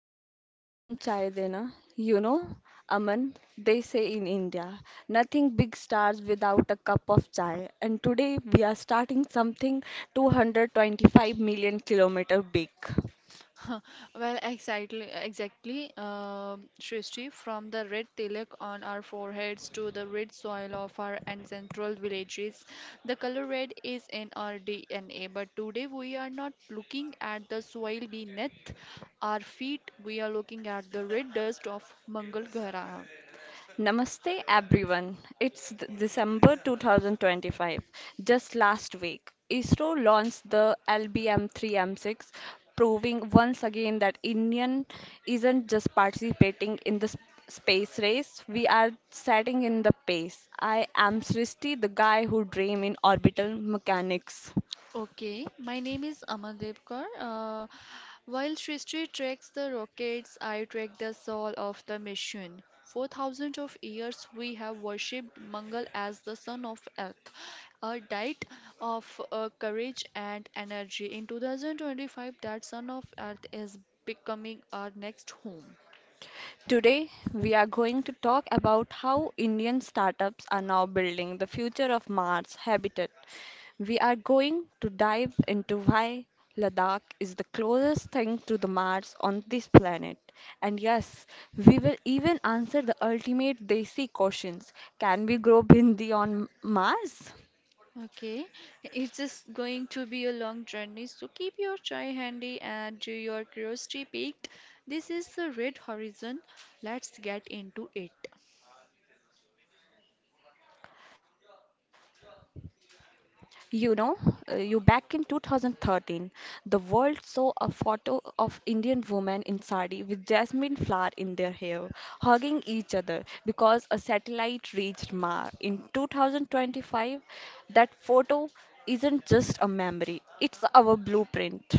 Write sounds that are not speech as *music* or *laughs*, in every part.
भैया एक गरम चाय देना. you know Aman, they say in India, nothing big starts without a cup of chai. And today we are starting something 225 million kilometer big. *laughs* Huh. Well, exactly, Srishti, from the red tilak on our foreheads to the red soil of our ancestral villages, the color red is in our DNA. But today we are not looking at the soil beneath our feet, we are looking at the red dust of Mangal Grah. Namaste, everyone. It's December 2025. Just last week, ISRO launched the LBM-3M6, proving once again that Indian isn't just participating in the space race. We are setting in the pace. I am Srishti, the guy who dream in orbital mechanics. Okay, my name is Aman Devkar. While Srishti tracks the rockets, I track the soul of the mission. For thousands of years, we have worshipped Mangal as the son of earth, a diet of courage and energy. In 2025, that son of earth is becoming our next home. Today, we are going to talk about how Indian startups are now building the future of Mars habitat. We are going to dive into why Ladakh is the closest thing to the Mars on this planet. And yes, we will even answer the ultimate Desi questions. Can we grow bindi on Mars? Okay, it's just going to be a long journey, so keep your chai handy and your curiosity piqued. This is the red horizon. Let's get into it. You know, you Back in 2013, the world saw a photo of Indian women in sari with jasmine flower in their hair, hugging each other because a satellite reached Mars. In 2025, that photo isn't just a memory, it's our blueprint.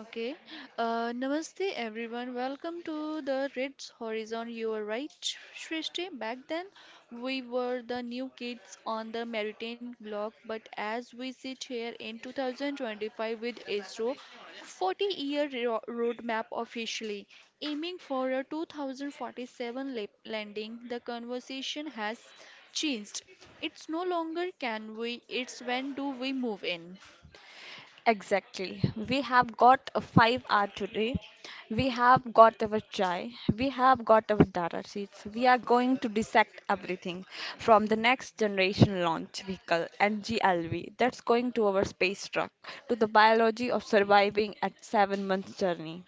Okay. Namaste everyone. Welcome to the Reds Horizon. You are right, Shrishti. Back then, we were the new kids on the Maritime block, but as we sit here in 2025 with ISRO, 40-year roadmap officially, aiming for a 2047 landing, the conversation has changed. It's no longer can we, it's when do we move in. Exactly. We have got a 5 hour today. We have got our chai. We have got our data sheets. We are going to dissect everything from the next generation launch vehicle, NGLV, that's going to our space truck, to the biology of surviving at 7 months journey.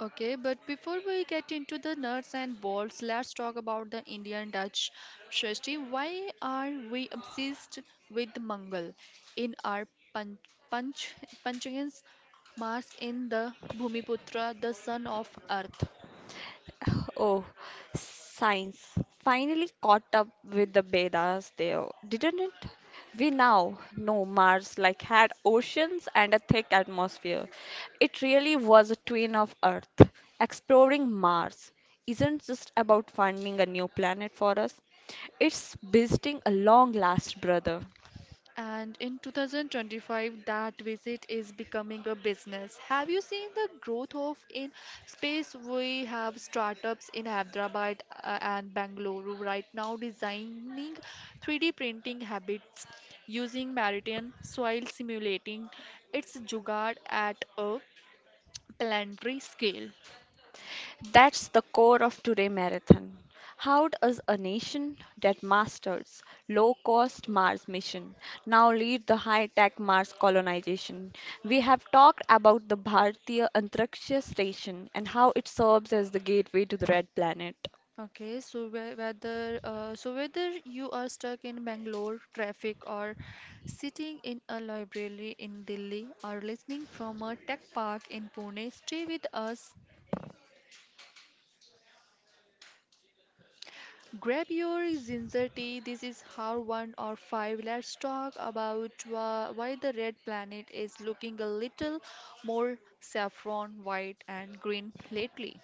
Okay, but before we get into the nuts and bolts, let's talk about the Indian Dutch. Shristi, why are we obsessed with Mangal in our Panch, Panch, Panchayans Mars in the Bhumiputra, the son of Earth? *sighs* Oh, science finally caught up with the Vedas there, didn't it? We now know Mars like had oceans and a thick atmosphere. It really was a twin of Earth. Exploring Mars isn't just about finding a new planet for us, it's visiting a long lost brother. And in 2025, that visit is becoming a business. Have you seen the growth of in space? We have startups in Hyderabad and Bangalore right now designing 3D printing habits using maritime soil simulating. It's jugaad at a planetary scale. That's the core of today marathon. How does a nation that masters low-cost Mars mission now lead the high-tech Mars colonization? We have talked about the Bharatiya Antariksha Station and how it serves as the gateway to the red planet. Okay, so whether you are stuck in Bangalore traffic or sitting in a library in Delhi or listening from a tech park in Pune, stay with us. Grab your ginger tea. This is hour one or five. Let's talk about why the red planet is looking a little more saffron, white, and green lately.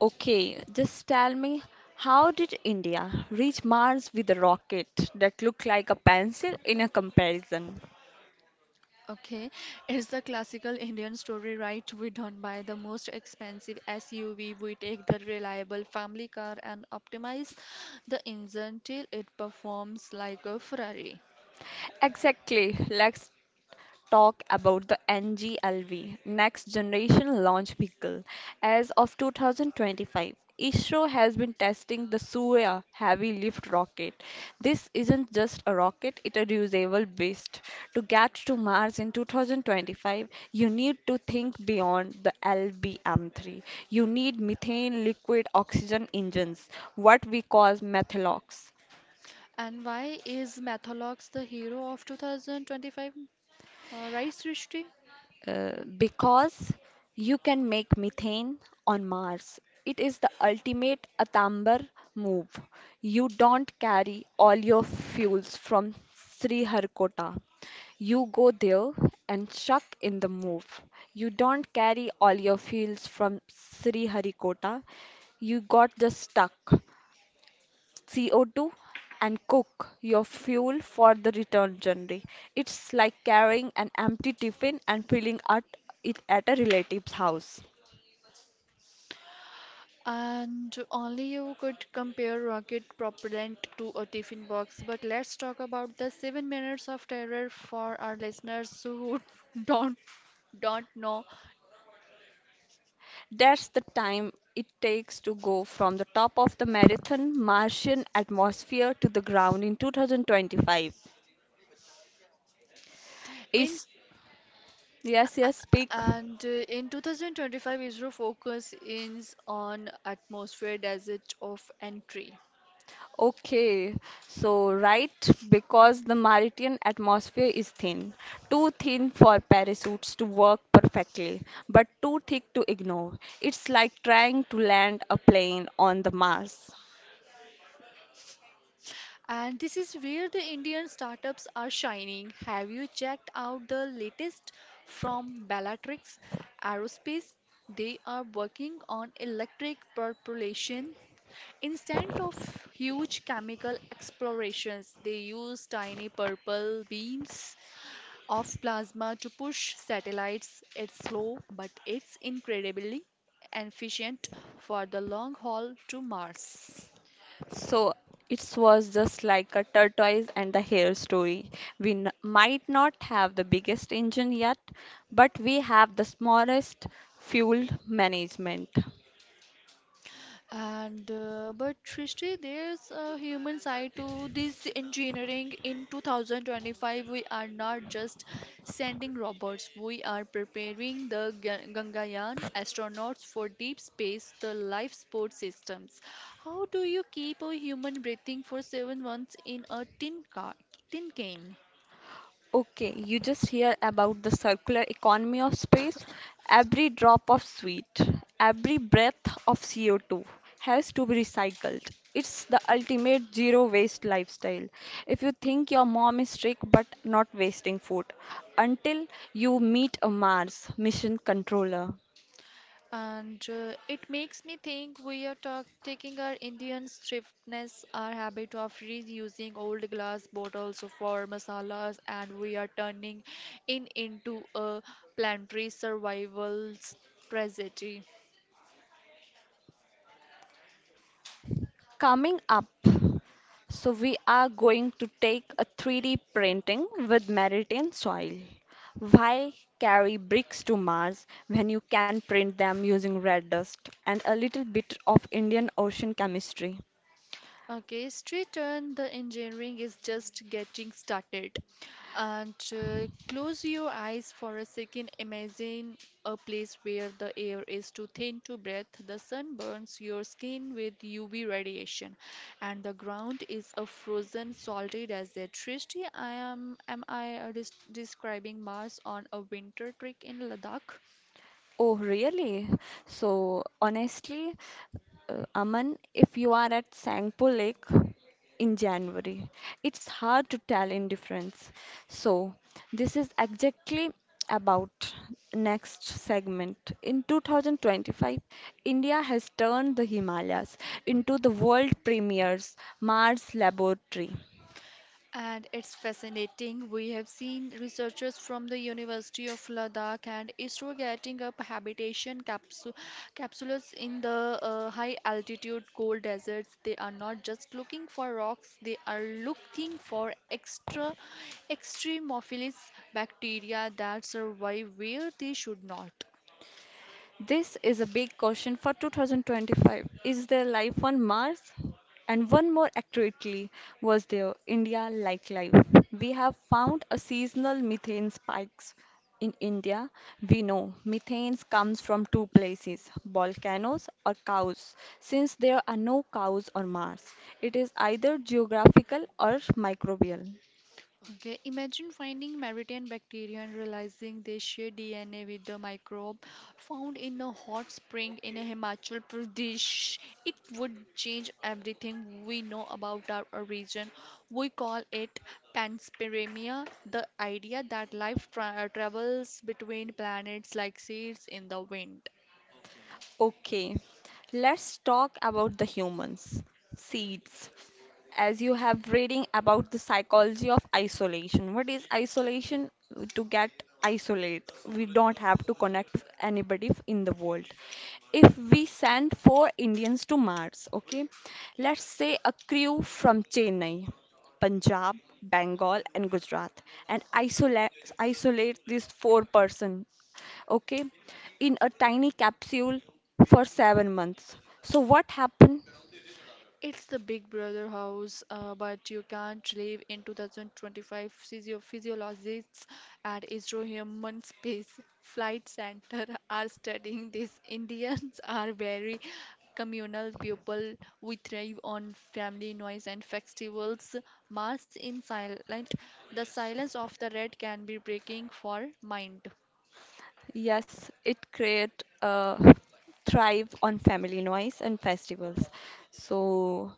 Okay, just tell me, how did India reach Mars with a rocket that looked like a pencil in a comparison? Okay, it's the classical Indian story, right? We don't buy the most expensive SUV, we take the reliable family car and optimize the engine till it performs like a Ferrari. Exactly. Let's talk about the NGLV, Next Generation Launch Vehicle. As of 2025, ISRO has been testing the Surya heavy lift rocket. This isn't just a rocket, it's a reusable beast. To get to Mars in 2025, you need to think beyond the LBM3. You need methane liquid oxygen engines, what we call methalox. And why is Matholox the hero of 2025? Right, Srishti? Uh, because you can make methane on Mars. It is the ultimate Atambar move. You don't carry all your fuels from Sriharkota. You go there and chuck in the move. You don't carry all your fuels from Sriharikota. You got just stuck. CO2 and cook your fuel for the return journey. It's like carrying an empty tiffin and filling at it at a relative's house. And only you could compare rocket propellant to a tiffin box. But let's talk about the 7 minutes of terror for our listeners who *laughs* don't don't know. That's the time it takes to go from the top of the marathon Martian atmosphere to the ground in 2025. In Is yes, yes, speak. And in 2025, ISRO focus is on atmosphere desert of entry. Okay, so right, because the Martian atmosphere is thin, too thin for parachutes to work perfectly, but too thick to ignore. It's like trying to land a plane on the Mars. And this is where the Indian startups are shining. Have you checked out the latest from Bellatrix Aerospace? They are working on electric propulsion. Instead of huge chemical explorations, they use tiny purple beams of plasma to push satellites. It's slow, but it's incredibly efficient for the long haul to Mars. So it was just like a tortoise and the hare story. We might not have the biggest engine yet, but we have the smallest fuel management. And But Trishti, there's a human side to this engineering. In 2025, we are not just sending robots, we are preparing the Gangayaan astronauts for deep space, the life support systems. How do you keep a human breathing for 7 months in a tin can? Okay, you just hear about the circular economy of space. Every drop of sweat, every breath of CO2 has to be recycled. It's the ultimate zero waste lifestyle. If you think your mom is strict but not wasting food, until you meet a Mars mission controller. And It makes me think we are talk taking our Indian thriftness, our habit of reusing old glass bottles for masalas, and we are turning it into a planetary survival's tragedy. Coming up, so we are going to take a 3D printing with Meridian soil. Why carry bricks to Mars when you can print them using red dust and a little bit of Indian Ocean chemistry? Okay, street turn, the engineering is just getting started. And Close your eyes for a second. Imagine a place where the air is too thin to breathe, the sun burns your skin with UV radiation, and the ground is a frozen, salty desert. Srishti, am I describing Mars on a winter trek in Ladakh? Oh, really? So, honestly, Aman, if you are at Sangpo Lake in January, it's hard to tell indifference. So, this is exactly about next segment. In 2025, India has turned the Himalayas into the world premier's Mars laboratory. And it's fascinating. We have seen researchers from the University of Ladakh and ISRO getting up habitation capsules in the high altitude cold deserts. They are not just looking for rocks, they are looking for extra extremophilus bacteria that survive where they should not. This is a big question for 2025. Is there life on Mars? And one more accurately, was there India like life? We have found a seasonal methane spikes in India. We know methane comes from two places, volcanoes or cows. Since there are no cows on Mars, it is either geographical or microbial. Okay, imagine finding Maritain bacteria and realizing they share DNA with the microbe found in a hot spring in Himachal Pradesh. It would change everything we know about our origin. We call it panspermia, the idea that life travels between planets like seeds in the wind. Okay, let's talk about the humans. Seeds, as you have reading about the psychology of isolation. What is isolation? To get isolate, we don't have to connect with anybody in the world. If we send four Indians to Mars, okay, let's say a crew from Chennai, Punjab, Bengal, and Gujarat, and isolate these four-person, okay, in a tiny capsule for 7 months. So what happened? It's the Big Brother house, but you can't live in 2025 physiologists at Israel Human Space Flight Center are studying this. Indians are very communal people. We thrive on family noise and festivals. Mass in silent. The silence of the red can be breaking for mind. Yes, it create thrive on family noise and festivals. So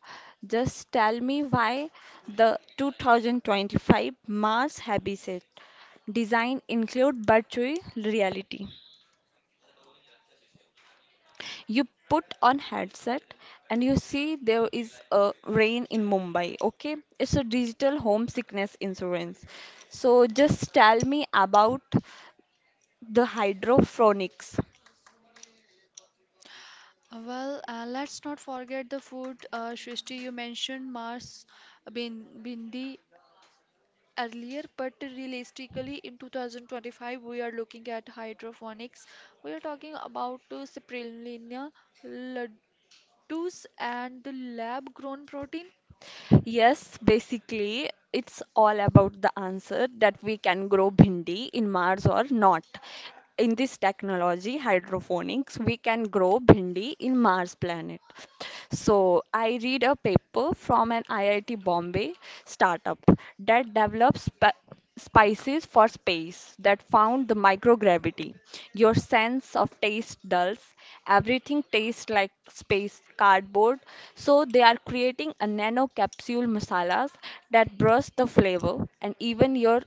just tell me why the 2025 Mars Habitat design include virtual reality. You put on headset and you see there is a rain in Mumbai, okay? It's a digital homesickness insurance. So just tell me about the hydrophonics. Well, let's not forget the food. Shrishti, you mentioned Bindi earlier, but realistically, in 2025, we are looking at hydroponics. We are talking about spirulina, laddus, and lab grown protein. Yes, basically, it's all about the answer that we can grow bhindi in Mars or not. In this technology, hydroponics, we can grow bhindi in Mars planet. So, I read a paper from an IIT Bombay startup that develops spices for space that found the microgravity. Your sense of taste dulls. Everything tastes like space cardboard. So they are creating a nano capsule masalas that brush the flavor and even your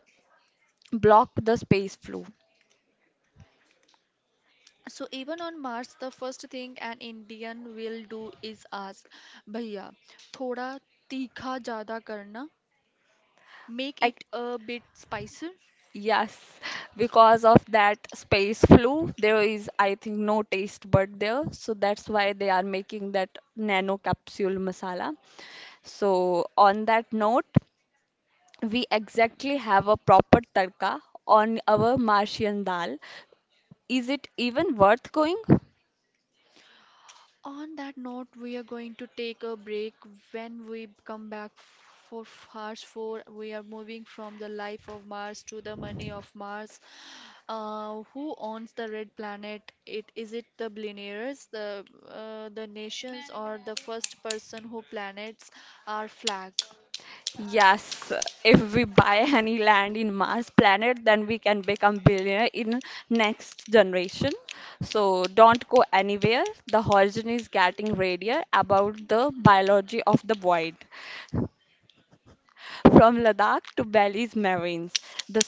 block the space flu. So, even on Mars, the first thing an Indian will do is ask, Bhaiya, thoda tikha jada karna, make I, it a bit spicier. yes, because of that space flu, there is I think no taste bud there. So that's why they are making that nano capsule masala. So on that note, we exactly have a proper tadka on our Martian dal. Is it even worth going? On that note, we are going to take a break. When we come back for Mars 4, we are moving from the life of Mars to the money of Mars. Who owns the red planet? It is it the billionaires, the nations, or the first person who planets are flag? Yes, if we buy any land in Mars planet, then we can become billionaire in next generation. So don't go anywhere. The horizon is getting radier about the biology of the void. From Ladakh to Belize marines, the.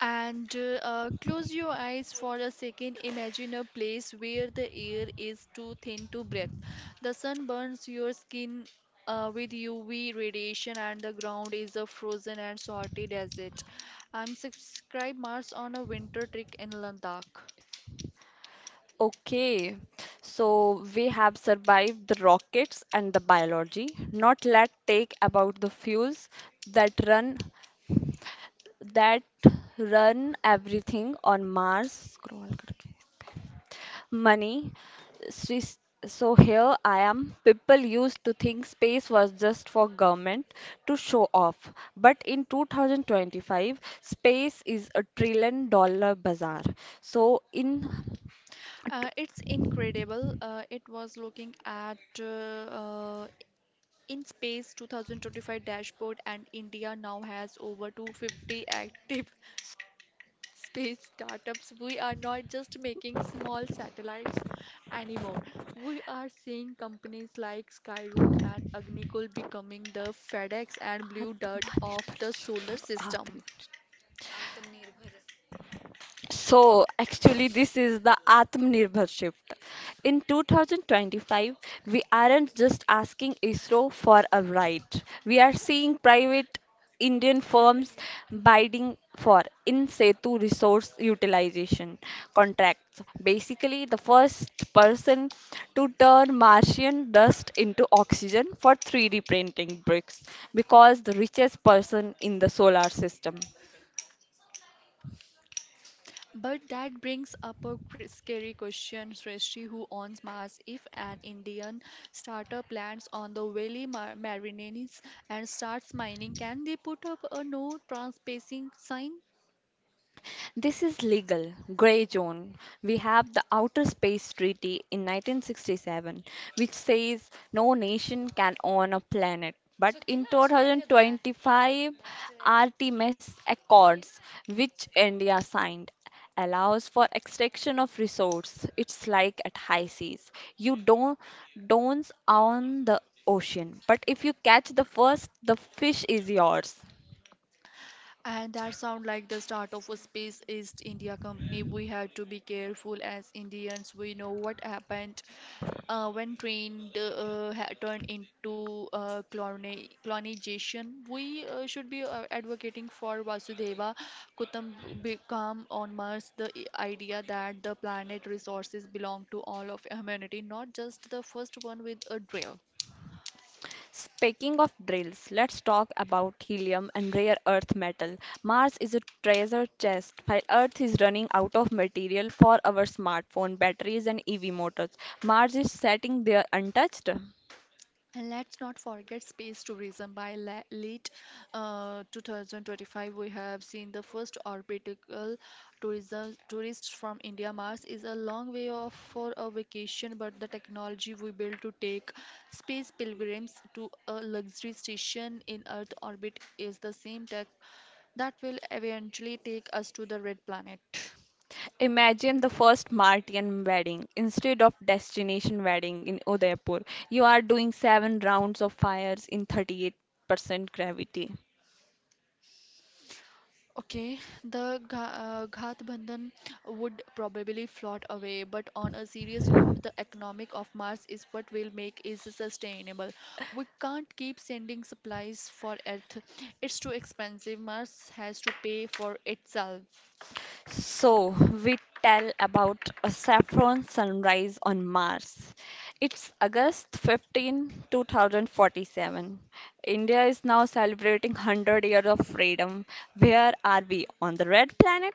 And Close your eyes for a second. Imagine a place where the air is too thin to breathe. The sun burns your skin with UV radiation, and the ground is a frozen and salty desert. I'm subscribe Mars on a winter trek in Ladakh. Okay, so we have survived the rockets and the biology. Not let take about the fuels that run that run everything on Mars. Scroll करके. Money. Sri- So here I am. People used to think space was just for government to show off, but in 2025, space is $1 trillion bazaar. So in It's incredible. It was looking at uh, in space 2025 dashboard, and India now has over 250 active space startups, we are not just making small satellites anymore. We are seeing companies like Skyroot and Agnikul becoming the FedEx and Blue Dart Adamın of the parçası, solar system. adamın. So, actually, this is the Atmanirbhar shift. In 2025, we aren't just asking ISRO for a right. We are seeing private Indian firms bidding for in situ resource utilization contracts. Basically, the first person to turn Martian dust into oxygen for 3D printing bricks because the richest person in the solar system. But that brings up a scary question, Srishti, who owns Mars, if an Indian startup lands on the Valley Marineris and starts mining, can they put up a no trespassing sign? This is legal gray zone. We have the Outer Space Treaty in 1967, which says no nation can own a planet. But in 2025, Artemis Accords, which India signed, allows for extraction of resource. It's like at high seas. You don't own the ocean, but if you catch the first the fish is yours. And that sound like the start of a Space East India company. We had to be careful as Indians. We know what happened when train turned into colonization. We should be advocating for Vasudeva Kutumbakam on Mars, the idea that the planet resources belong to all of humanity, not just the first one with a drill. Speaking of drills, let's talk about helium and rare earth metal. Mars is a treasure chest, while Earth is running out of material for our smartphone batteries and EV motors. Mars is sitting there untouched. And let's not forget space tourism. By late 2025, we have seen the first orbital tourism tourists from India. Mars is a long way off for a vacation, but the technology we built to take space pilgrims to a luxury station in Earth orbit is the same tech that will eventually take us to the red planet. Imagine the first Martian wedding instead of destination wedding in Udaipur. You are doing seven rounds of fires in 38% gravity. Okay, the Ghat Bandhan would probably float away, but on a serious note, the economic of Mars is what will make is sustainable. We can't keep sending supplies for Earth; it's too expensive. Mars has to pay for itself. So, we tell about a saffron sunrise on Mars. It's August 15, 2047. India is now celebrating 100 years of freedom. Where are we? On the red planet?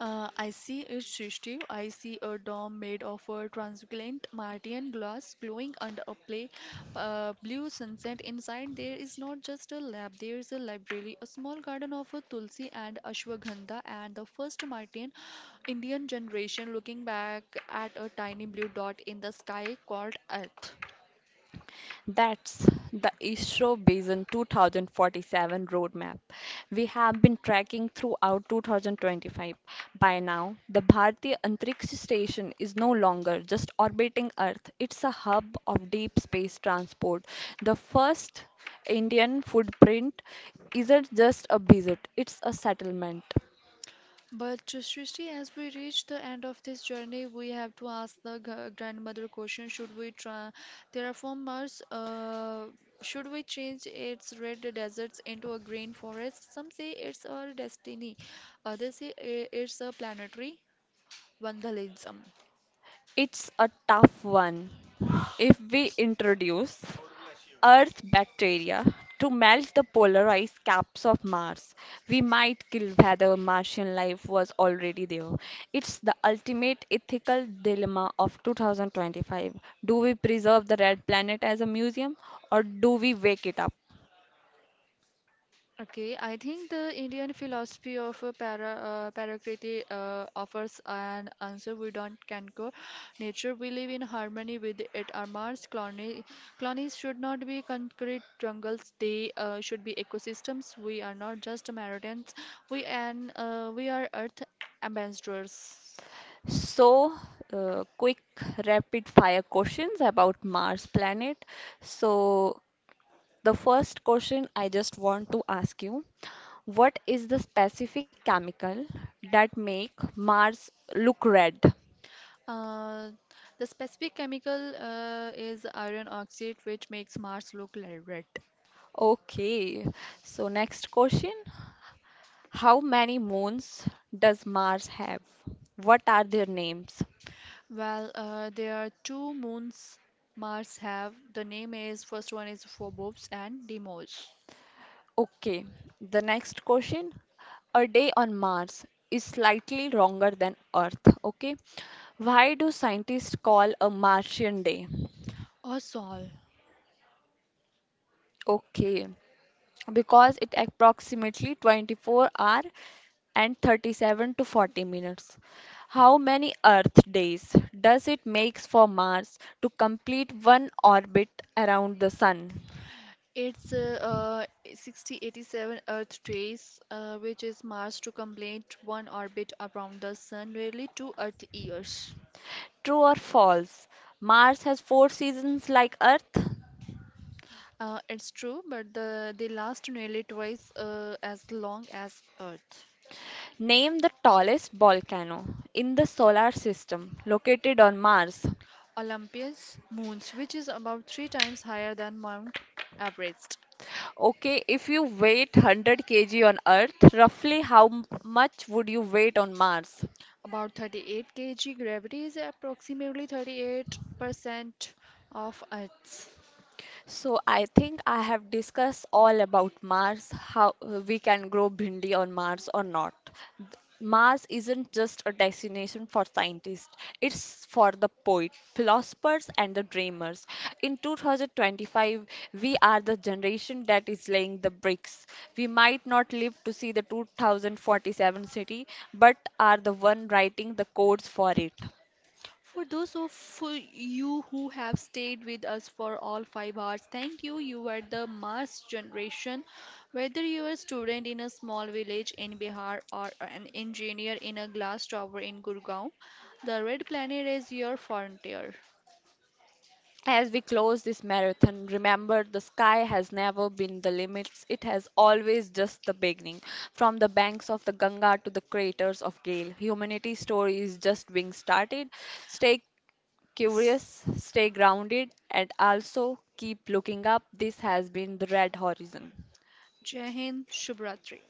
I see it, Srishti. I see a dome made of a translucent Martian glass glowing under a play, blue sunset. Inside, there is not just a lab, there is a library, a small garden of a tulsi and ashwagandha, and the first Martian Indian generation looking back at a tiny blue dot in the sky called Earth. That's the ISRO Vision 2047 roadmap we have been tracking throughout 2025. By now, the Bharatiya Antariksha Station is no longer just orbiting Earth, it's a hub of deep space transport. The first Indian footprint isn't just a visit, it's a settlement. But Srishti, as we reach the end of this journey, we have to ask the grandmother question: Should we try terraformers? Should we change its red deserts into a green forest? Some say it's our destiny. Others say it's a planetary vandalism. It's a tough one. If we introduce Earth's bacteria to melt the polarized caps of Mars, we might kill whether Martian life was already there. It's the ultimate ethical dilemma of 2025. Do we preserve the red planet as a museum or do we wake it up? Okay, I think the Indian philosophy of Parakriti offers an answer we don't conquer. Nature we live in harmony with it. Our Mars colonies should not be concrete jungles. They should be ecosystems. We are not just Meridians. We are Earth ambassadors. So, quick rapid fire questions about Mars planet. So, the first question I just want to ask you, what is the specific chemical that make Mars look red? Uh, the specific chemical is iron oxide, which makes Mars look like red. Okay, so next question, how many moons does Mars have? What are their names? Well, there are two moons Mars have. The name is first one is Phobos and Deimos Okay, the next question, a day on Mars is slightly longer than Earth, okay? Why do scientists call a Martian day? or Sol. Okay, because it approximately 24 hour and 37 to 40 minutes. How many Earth days does it makes for Mars to complete one orbit around the Sun? It's 6087 Earth days, which is Mars to complete one orbit around the Sun, nearly two Earth years. True or false? Mars has four seasons like Earth. It's true, but the they last nearly twice as long as Earth. Name the tallest volcano in the solar system located on Mars. Olympus moons, which is about three times higher than Mount Everest. Okay, if you weigh 100 kg on Earth, roughly how much would you weight on Mars? About 38 kg, gravity is approximately 38% of Earth's. So I think I have discussed all about Mars, how we can grow bhindi on Mars or not. Th- Mars isn't just a destination for scientists, it's for the poet, philosophers, and the dreamers. In 2025, we are the generation that is laying the bricks. We might not live to see the 2047 city, but are the one writing the codes for it. For those of you who have stayed with us for all 5 hours, thank you. You are the Mars generation. Whether you are a student in a small village in Bihar or an engineer in a glass tower in Gurgaon, the red planet is your frontier. As we close this marathon, remember the sky has never been the limits, it has always just the beginning. From the banks of the Ganga to the craters of Gale, humanity's story is just being started. Stay curious, stay grounded, and also keep looking up. This has been the Red Horizon. Jai Hind, Shubhratri.